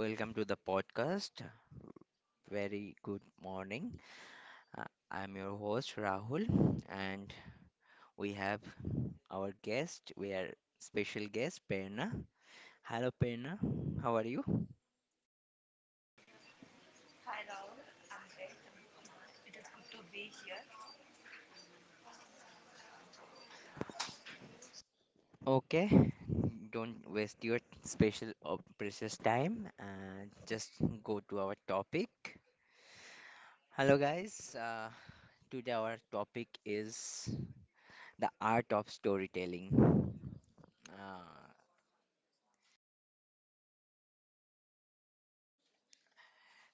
Welcome to the podcast. Very good morning. Uh, I'm your host, Rahul, and we have our guest. We are special guest, Perna. Hello, Perna. How are you? Hi Rahul, I'm great. It is good to be here. Okay. Don't waste your special or precious time and just go to our topic. Hello, guys. Today, our topic is the art of storytelling. Uh,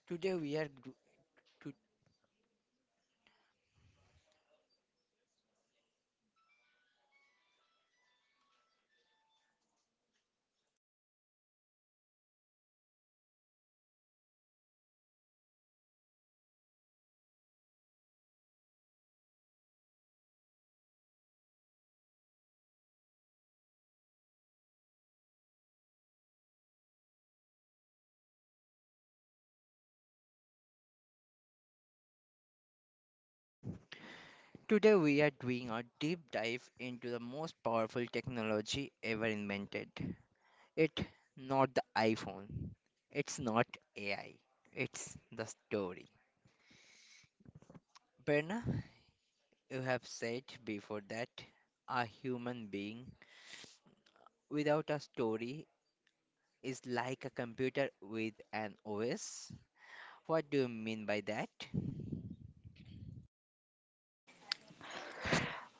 today, we are do- to Today we are doing a deep dive into the most powerful technology ever invented. It not the iPhone. It's not AI. It's the story. Berna, you have said before that a human being without a story is like a computer with an OS. What do you mean by that?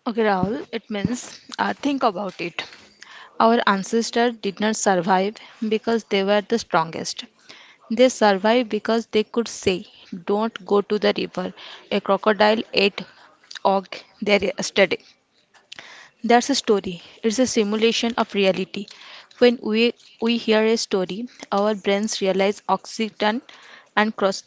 Okay, Rahul, it means think about it. Our ancestors did not survive because they were the strongest. They survived because they could say, don't go to the river. A crocodile ate og there yesterday. That's a story. It's a simulation of reality. When we hear a story, our brains realize oxytocin and cross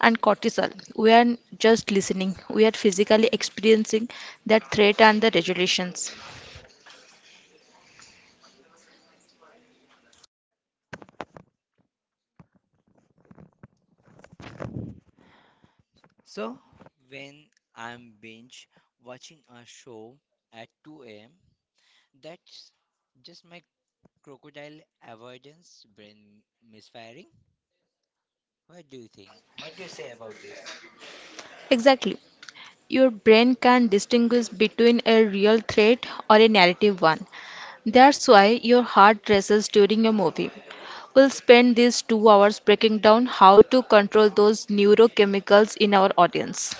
and cortisol. We are just listening, we are physically experiencing that threat and the regulations. So, when I'm binge watching a show at 2 a.m., that's just my crocodile avoidance, brain misfiring? What do you think? What do you say about this? Exactly. Your brain can distinguish between a real threat or a narrative one. That's why your heart races during a movie. We'll spend these 2 hours breaking down how to control those neurochemicals in our audience.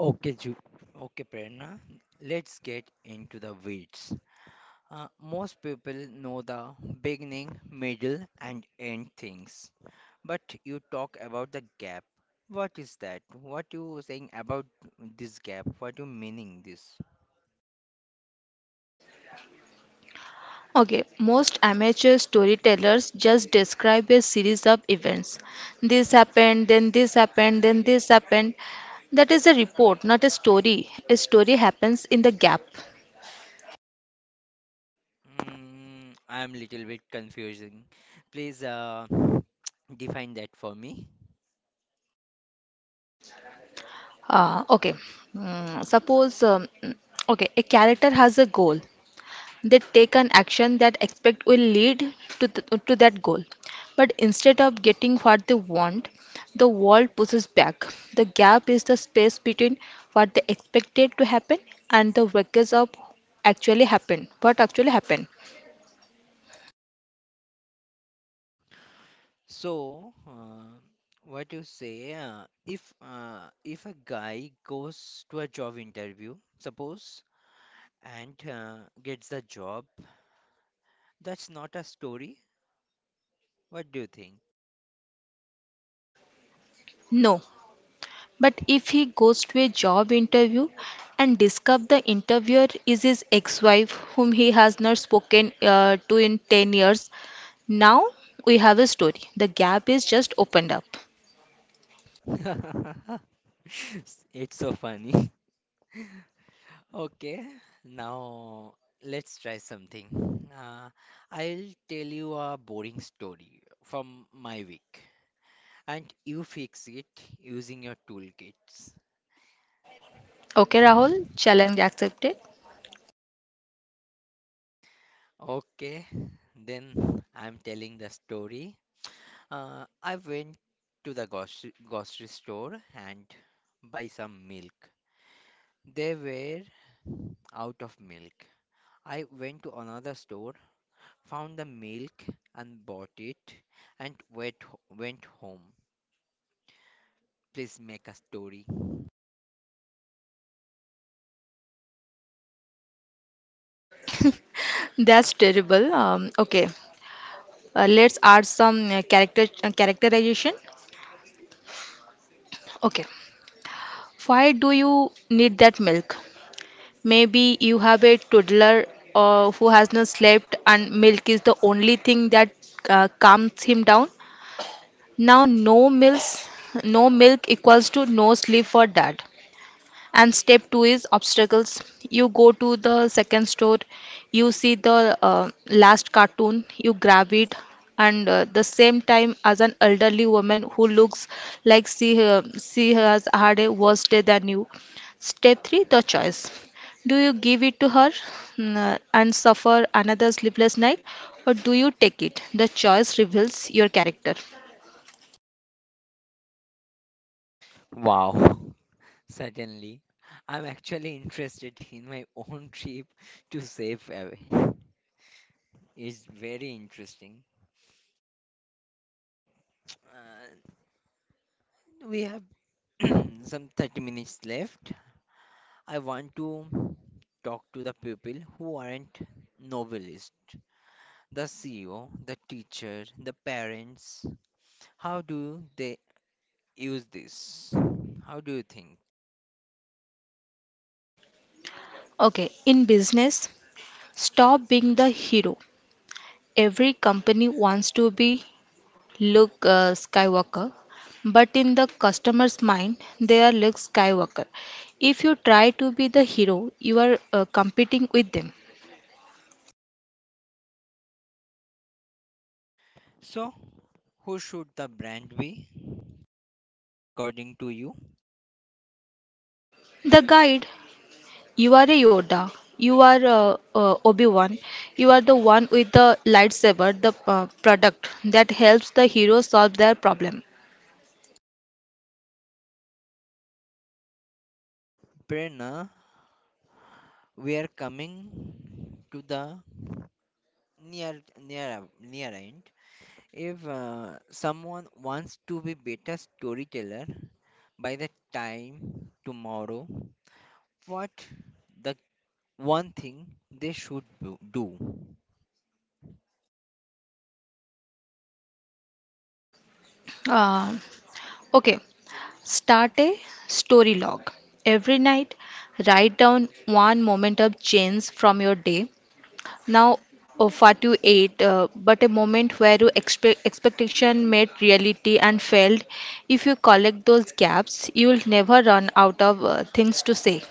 Okay, Ju. Okay, Prerna. Let's get into the weeds. Most people know the beginning, middle, and end things, but you talk about the gap. What is that? What you saying about this gap? What you meaning this? Okay, most amateur storytellers just describe a series of events. This happened, then this happened, then this happened. That is a report, not a story. A story happens in the gap. I'm little bit confusing. Please define that for me. Uh, okay, Mm, suppose, um, okay, a character has a goal. They take an action that expect will lead to that goal. But instead of getting what they want, the world pushes back. The gap is the space between what they expected to happen and the records of actually happen. What actually happened? So, what you say, if a guy goes to a job interview, suppose, and gets the job, that's not a story. What do you think? No. But if he goes to a job interview and discover the interviewer is his ex-wife whom he has not spoken to in 10 years, now we have a story. The gap is just opened up. It's so funny. Okay, now let's try something. Uh, I'll tell you a boring story from my week, and you fix it using your toolkits. Okay, Rahul, challenge accepted. Okay, then I'm telling the story. I went to the grocery store and buy some milk. They were out of milk. I went to another store, found the milk and bought it, and went home. Please make a story. That's terrible. Okay, let's add some character characterization. Okay, why do you need that milk? Maybe you have a toddler who has not slept, and milk is the only thing that calms him down. Now, no milk equals to no sleep for dad. And step two is obstacles. You go to the second store, you see the last cartoon, you grab it, and the same time as an elderly woman who looks like she has had a worse day than you. Step three, the choice. Do you give it to her and suffer another sleepless night, or do you take it? The choice reveals your character. Wow. Suddenly, I'm actually interested in my own trip to save away. It's very interesting. Uh, we have some 30 minutes left. I want to talk to the people who aren't novelists, the CEO, the teacher, the parents. How do they use this? How do you think? Okay, in business, stop being the hero every company wants to be Luke Skywalker, but in the customer's mind, they are Luke Skywalker. If you try to be the hero, you are competing with them. So, who should the brand be? According to you, The guide, you are a Yoda, you are Obi Wan, you are the one with the lightsaber, the product that helps the hero solve their problem. Prerna, we are coming to the near end. If someone wants to be better storyteller by the time tomorrow, what the one thing they should do? Uh, okay, Start a story log. Every night, write down one moment of change from your day. Now, of what you ate, but a moment where you expectation met reality and failed. If you collect those gaps, you will never run out of things to say.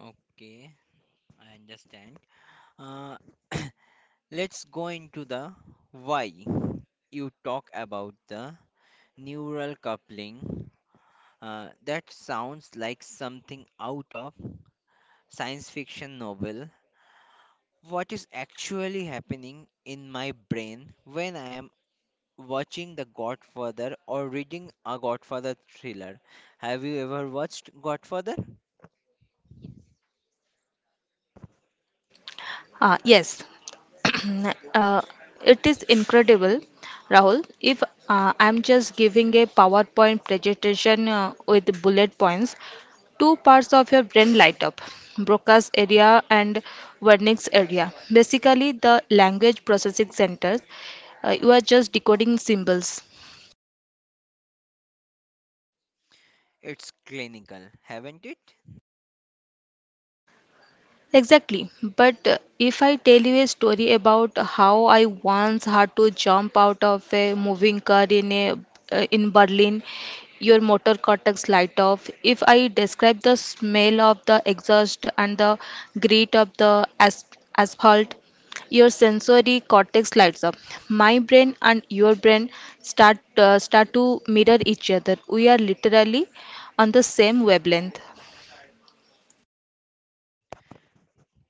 Okay, I understand. Uh, let's go into the why. You talk about the neural coupling. That sounds like something out of science fiction novel. What is actually happening in my brain when I am watching The Godfather or reading a Godfather thriller. Have you ever watched Godfather? Ah, yes, uh, it is incredible, Rahul. If I'm just giving a PowerPoint presentation with bullet points, two parts of your brain light up Broca's area and Wernicke's area. Basically, the language processing centers, you are just decoding symbols. It's clinical, haven't it? Exactly. But if I tell you a story about how I once had to jump out of a moving car in a in Berlin, your motor cortex light off. If I describe the smell of the exhaust and the grit of the asphalt, your sensory cortex lights up. My brain and your brain start to mirror each other. We are literally on the same wavelength.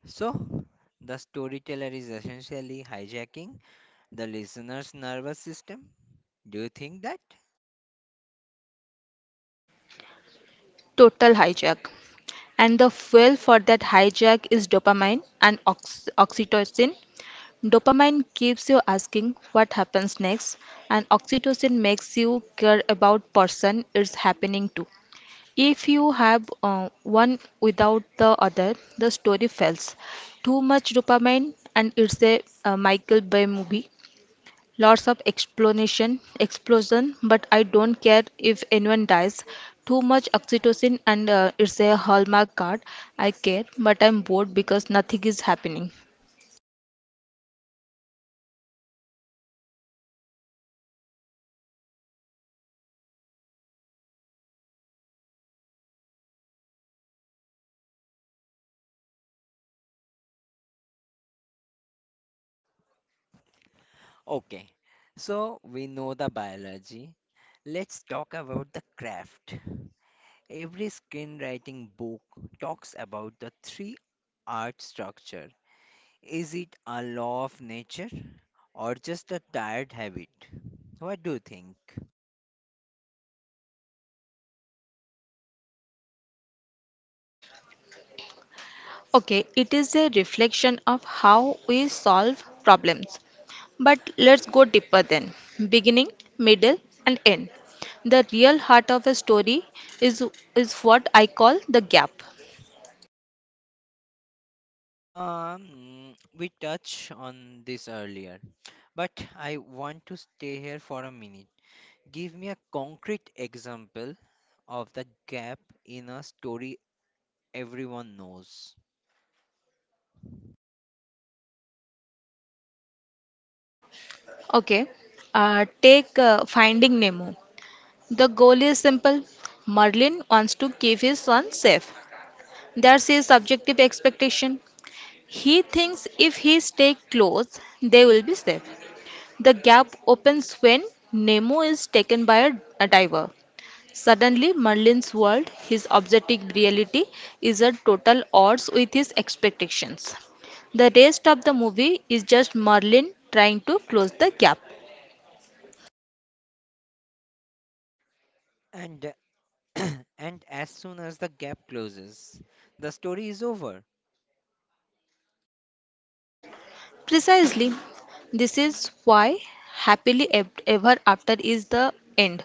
So, the storyteller is essentially hijacking the listener's nervous system. Do you think that? Total hijack. And the fuel for that hijack is dopamine and oxytocin. Dopamine keeps you asking what happens next, and oxytocin makes you care about person it's happening to. If you have one without the other, the story fails. Too much dopamine, and it's a, Michael Bay movie. Lots of explanation, explosion, but I don't care if anyone dies. Too much oxytocin and it's a hallmark card. I care, but I'm bored because nothing is happening. Okay, so we know the biology. Let's talk about the craft. Every screenwriting book talks about the three art structure. Is it a law of nature or just a tired habit? What do you think? Okay, it is a reflection of how we solve problems. But let's go deeper then. Beginning, middle, and end. The real heart of a story is is what I call the gap. We touched on this earlier, but I want to stay here for a minute. Give me a concrete example of the gap in a story everyone knows. Okay, take Finding Nemo. The goal is simple. Merlin wants to keep his son safe. That's his subjective expectation. He thinks if he stays close, they will be safe. The gap opens when Nemo is taken by a diver. Suddenly, Merlin's world, his objective reality, is at total odds with his expectations. The rest of the movie is just Merlin trying to close the gap. And and as soon as the gap closes, the story is over. Precisely, this is why happily ever after is the end.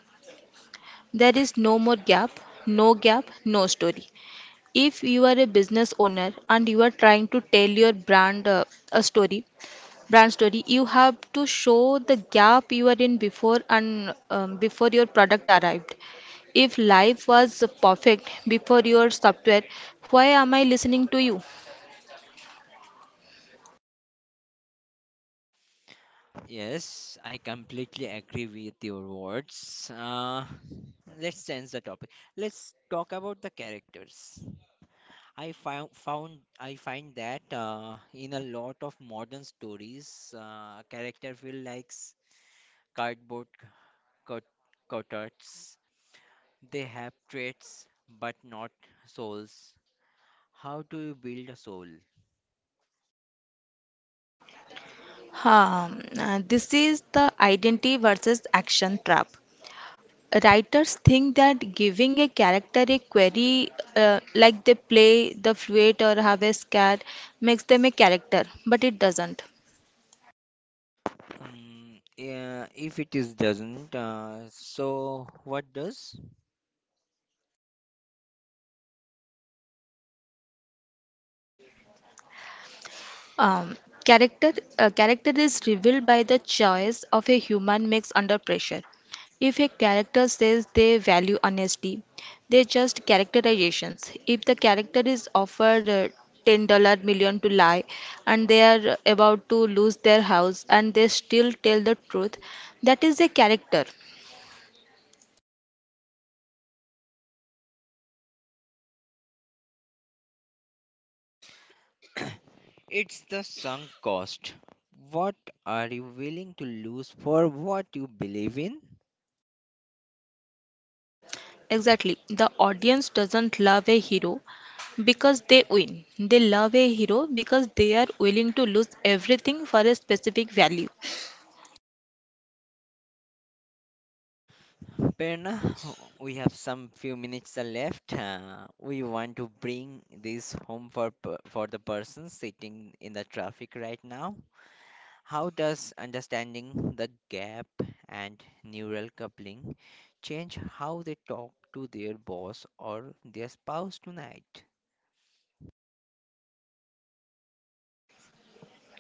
There is no more gap, no story. If you are a business owner and you are trying to tell your brand a story, brand story, you have to show the gap you are in before and before your product arrived. If life was perfect before your software, why am I listening to you? Yes, I completely agree with your words. Let's change the topic. Let's talk about the characters. I found found I find that in a lot of modern stories, character feel like cardboard cut cutouts. They have traits but not souls. How do you build a soul? This is the identity versus action trap. Writers think that giving a character a query like they play the flute or have a cat makes them a character, but it doesn't. Yeah, if it is doesn't, so what does? Um, Character character is revealed by the choice of a human makes under pressure. If a character says they value honesty, they just characterizations. If the character is offered ten-dollar million to lie, and they are about to lose their house, and they still tell the truth, that is a character. It's the sunk cost. What are you willing to lose for what you believe in? Exactly. The audience doesn't love a hero. Because they win. They love a hero because they are willing to lose everything for a specific value. Perna, we have some few minutes are left. We want to bring this home for the person sitting in the traffic right now. How does understanding the gap and neural coupling change how they talk to their boss or their spouse tonight?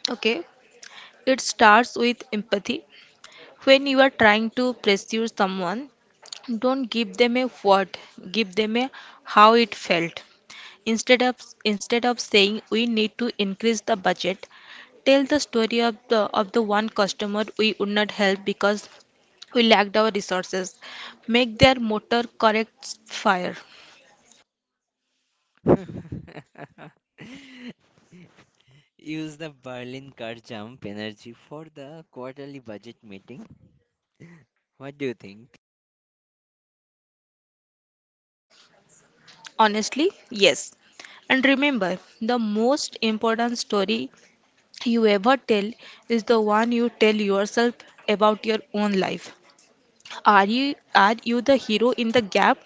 Okay, it starts with empathy. When you are trying to pursue someone, don't give them a what, give them a how it felt. Instead of instead of saying we need to increase the budget, tell the story of the one customer we would not help because we lacked our resources. Make their motor correct fire. Use the Berlin car jump energy for the quarterly budget meeting. What do you think? Honestly, yes. And remember, the most important story you ever tell is the one you tell yourself about your own life. Are you the hero in the gap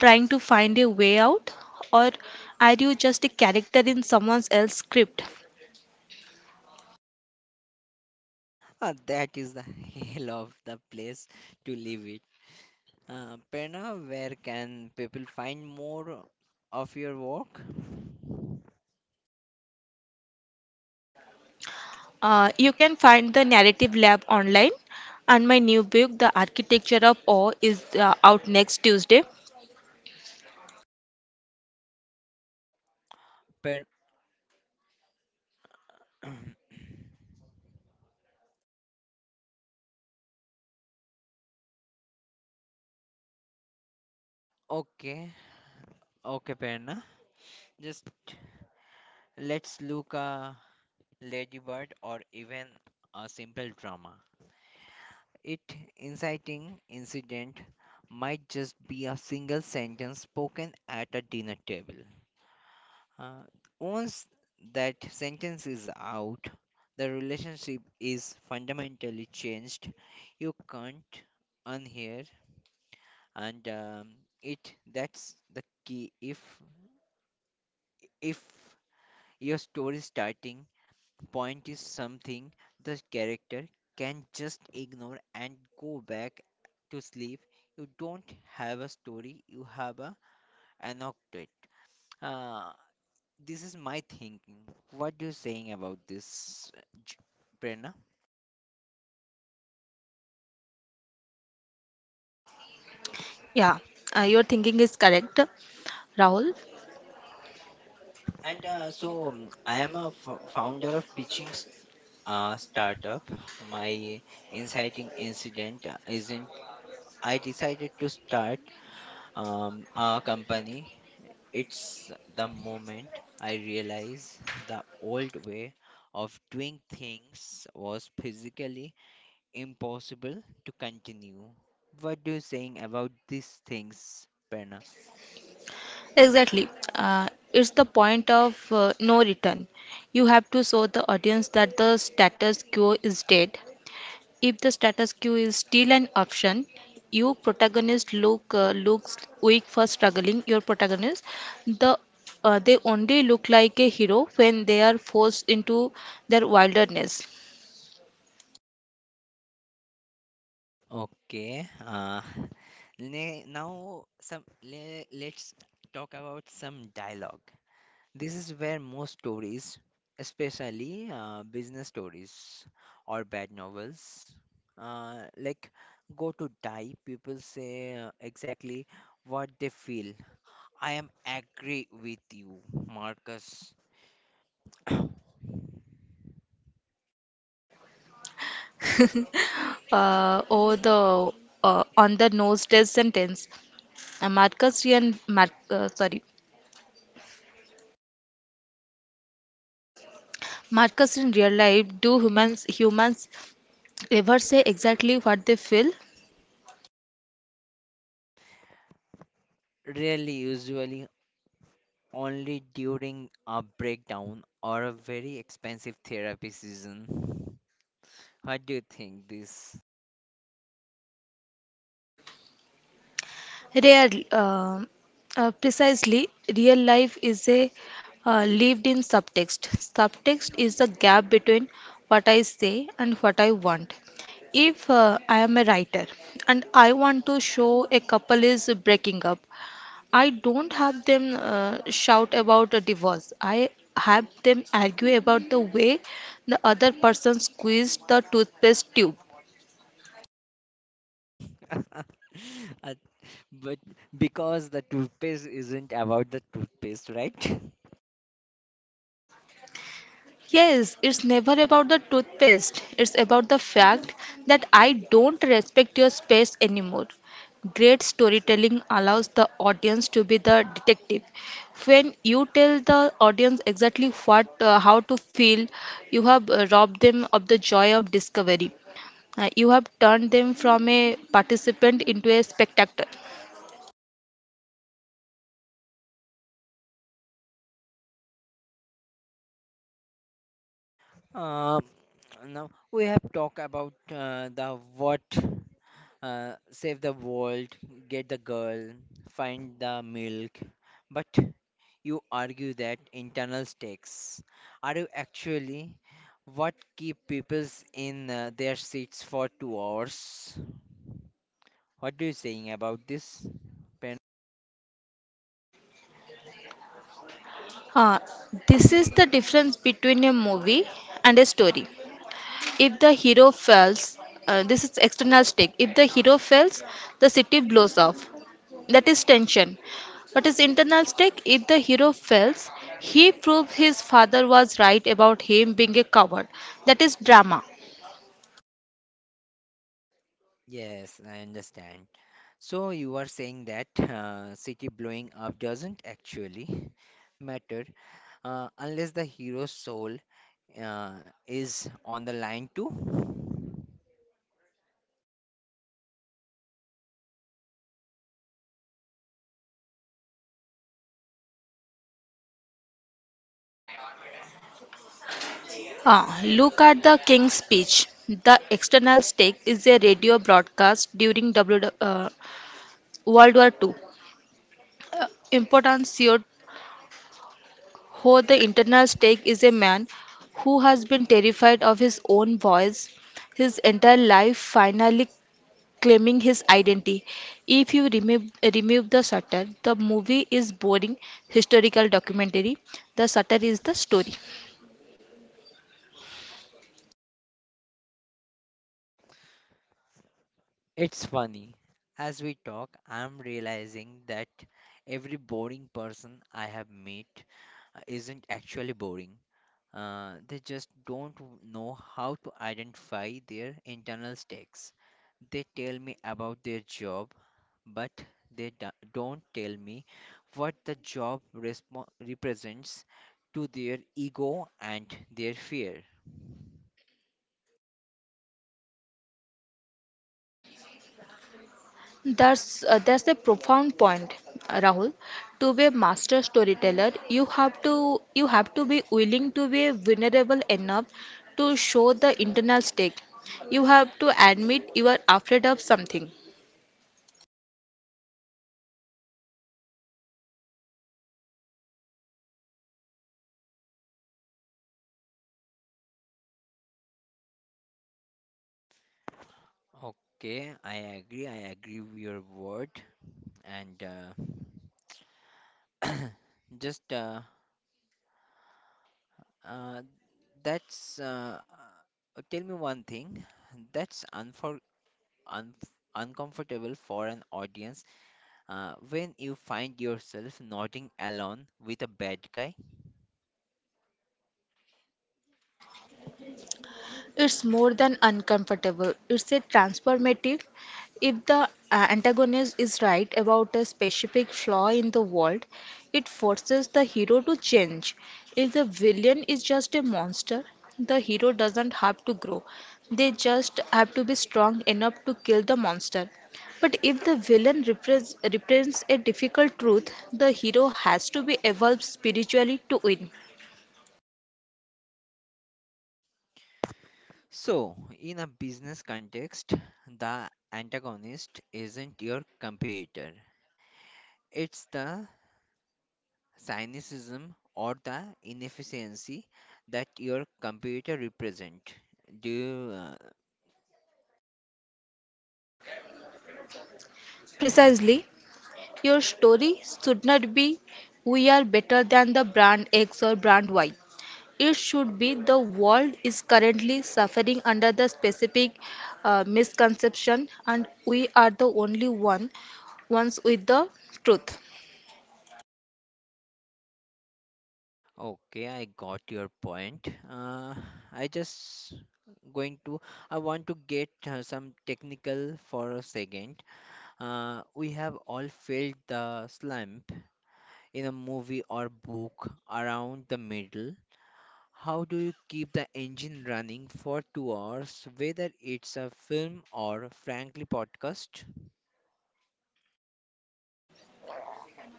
trying to find a way out or are you just a character in someone else's script? Ah, that is the hell of the place to live it. Prerna, where can people find more of your work? You can find the narrative lab online and my new book The Architecture of Awe is out next Tuesday. Prerna. Okay, okay, Prerna. Just let's look a ladybird or even a simple drama. It inciting incident might just be a single sentence spoken at a dinner table. Uh, once that sentence is out, the relationship is fundamentally changed. You can't unhear, and it that's the key. If your story starting point is something the character can just ignore and go back to sleep. You don't have a story, you have a anecdote. Uh, this is my thinking. What you saying about this, J- Prerna? Yeah, your thinking is correct. Rahul, And so I am a founder of pitching startup. My inciting incident isn't I decided to start a company. It's the moment I realized the old way of doing things was physically impossible to continue. What do you saying about these things, Perna? exactly. It's the point of no return. You have to show the audience that the status quo is dead. If the status quo is still an option, you protagonist look looks weak for struggling. Your protagonist, the they only look like a hero when they are forced into their wilderness. Okay. Let's talk about some dialogue. This is where most stories, especially business stories or bad novels, uh, like go to die. People say exactly what they feel. I am angry with you, Marcus. Or the on the nose test sentence. Marcus Ryan, Mar- sorry, Markers in real life, do humans ever say exactly what they feel? Really, usually only during a breakdown or a very expensive therapy season. What do you think this? Rarely. Precisely, real life is a lived-in subtext. Subtext is the gap between what I say and what I want. If I am a writer and I want to show a couple is breaking up, I don't have them shout about a divorce. I have them argue about the way the other person squeezed the toothpaste tube. Uh, but because the toothpaste isn't about the toothpaste, right? Yes, it's never about the toothpaste. It's about the fact that I don't respect your space anymore. Great storytelling allows the audience to be the detective. When you tell the audience exactly what, how to feel, you have robbed them of the joy of discovery. You have turned them from a participant into a spectator. Um, now we have talked about the what, save the world, get the girl, find the milk, but you argue that internal stakes are you actually what keep people in their seats for 2 hours? What do you saying about this, Uh, this is the difference between a movie and a story. If the hero fails, this is external stake. If the hero fails, the city blows off. That is tension. But his internal stake, if the hero fails, he proves his father was right about him being a coward. That is drama. Yes, I understand. So you are saying that city blowing up doesn't actually matter unless the hero's soul uh, is on the line too. Ah, look at the King's speech. The external stake is a radio broadcast during World War Two. Important CEO who the internal stake is a man who has been terrified of his own voice his entire life, finally claiming his identity. If you remove the satire, the movie is boring historical documentary. The satire is the story. It's funny. As we talk, I'm realizing that every boring person I have met isn't actually boring. They just don't know how to identify their internal stakes. They tell me about their job, but they don't tell me what the job represents to their ego and their fear. That's a profound point, Rahul. To be a master storyteller, you have to be willing to be vulnerable enough to show the internal stake. You have to admit you are afraid of something. Okay, I agree. I agree with your word, and just uh, that's tell me one thing that's unfor un uncomfortable for an audience when you find yourself nodding along with a bad guy. It's more than uncomfortable, it's a transformative. If the antagonist is right about a specific flaw in the world, it forces the hero to change. If the villain is just a monster, the hero doesn't have to grow. They just have to be strong enough to kill the monster. But if the villain represents a difficult truth, the hero has to be evolved spiritually to win. So, in a business context, the antagonist isn't your competitor. It's the cynicism or the inefficiency that your competitor represent. Do you, Precisely, your story should not be we are better than the brand X or brand Y. It should be the world is currently suffering under the specific misconception and we are the only one ones with the truth. okay, I got your point. I just going to I want to get some technical for a second. We have all felt the slump in a movie or book around the middle. How do you keep the engine running for 2 hours, whether it's a film or frankly podcast?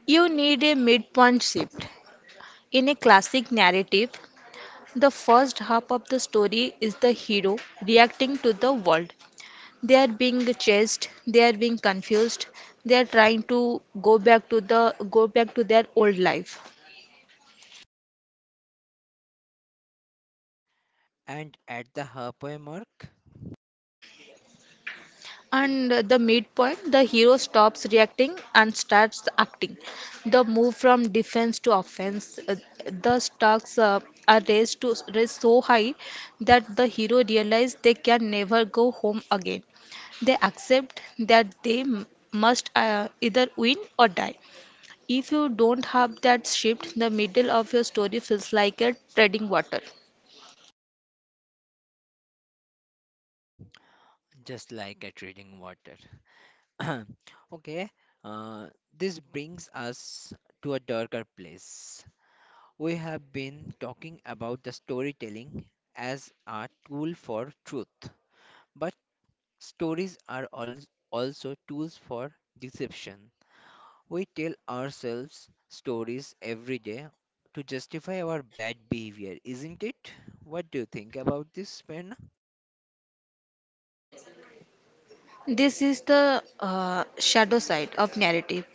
You need a midpoint shift. In a classic narrative, the first half of the story is the hero reacting to the world. They are being chased, they are being confused, they are trying to go back to their old life. And at the halfway mark, And the midpoint, the hero stops reacting and starts acting. The move from defense to offense, the stakes are raised to raised so high that the hero realizes they can never go home again. They accept that they m- must either win or die. If you don't have that shift, the middle of your story feels like you're treading water. just like at reading water. okay, uh, this brings us to a darker place. We have been talking about the storytelling as a tool for truth, but stories are also tools for deception. We tell ourselves stories every day to justify our bad behavior, isn't it? What do you think about this, Ben? This is the shadow side of narrative.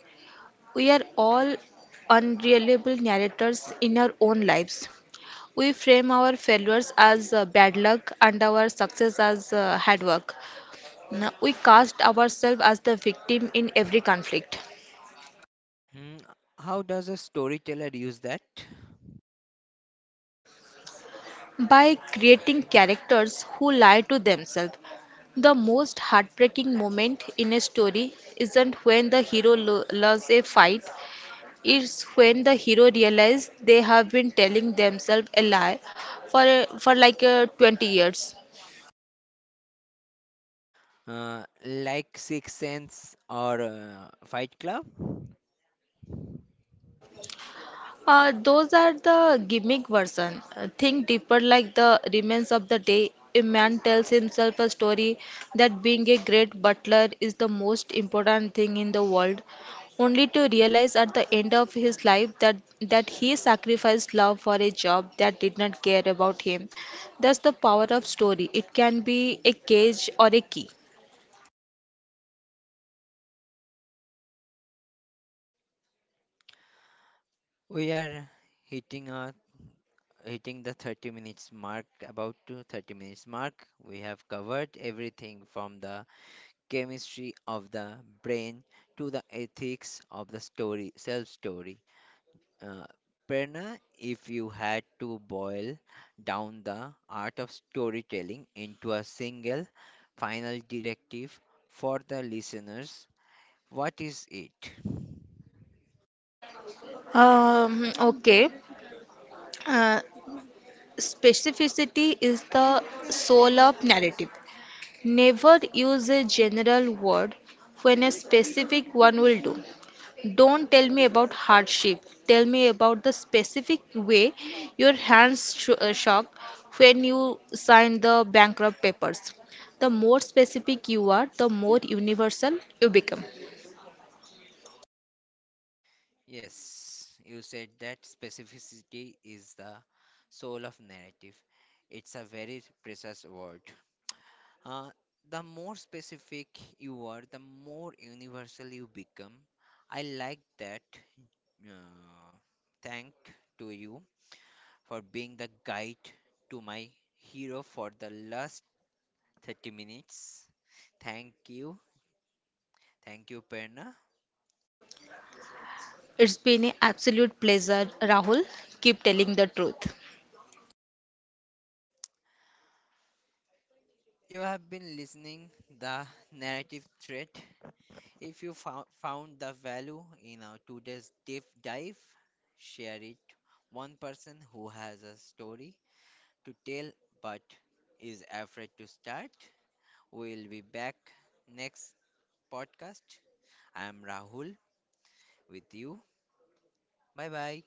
We are all unreliable narrators in our own lives. We frame our failures as bad luck and our success as hard work. Now, we cast ourselves as the victim in every conflict. Hmm, how does a storyteller use that? By creating characters who lie to themselves, the most heartbreaking moment in a story isn't when the hero loses a fight, it's when the hero realizes they have been telling themselves a lie for like 20 years. Like Sixth Sense or Fight Club? Those are the gimmick version. Think deeper, like the remains of the day. A man tells himself a story that being a great butler is the most important thing in the world, only to realize at the end of his life that he sacrificed love for a job that did not care about him. That's the power of story. It can be a cage or a key. We are hitting our hitting the 30 minutes mark, about to 30 minutes mark. We have covered everything from the chemistry of the brain to the ethics of the story. Uh, Prerna, if you had to boil down the art of storytelling into a single final directive for the listeners, what is it? Um, okay. Uh, Specificity is the soul of narrative. Never use a general word when a specific one will do. Don't tell me about hardship. Tell me about the specific way your hands shook when you signed the bankrupt papers. The more specific you are, the more universal you become. Yes, you said that specificity is the soul of narrative. It's a very precious word. Uh, the more specific you are, the more universal you become. I like that. Uh, thank to you. For being the guide to my hero for the last 30 minutes. Thank you. Thank you, Perna. It's been an absolute pleasure, Rahul. Keep telling the truth. You have been listening the narrative thread. If you found the value in our today's deep dive, share it. One person who has a story to tell but is afraid to start. We'll be back next podcast. I'm Rahul with you. Bye bye.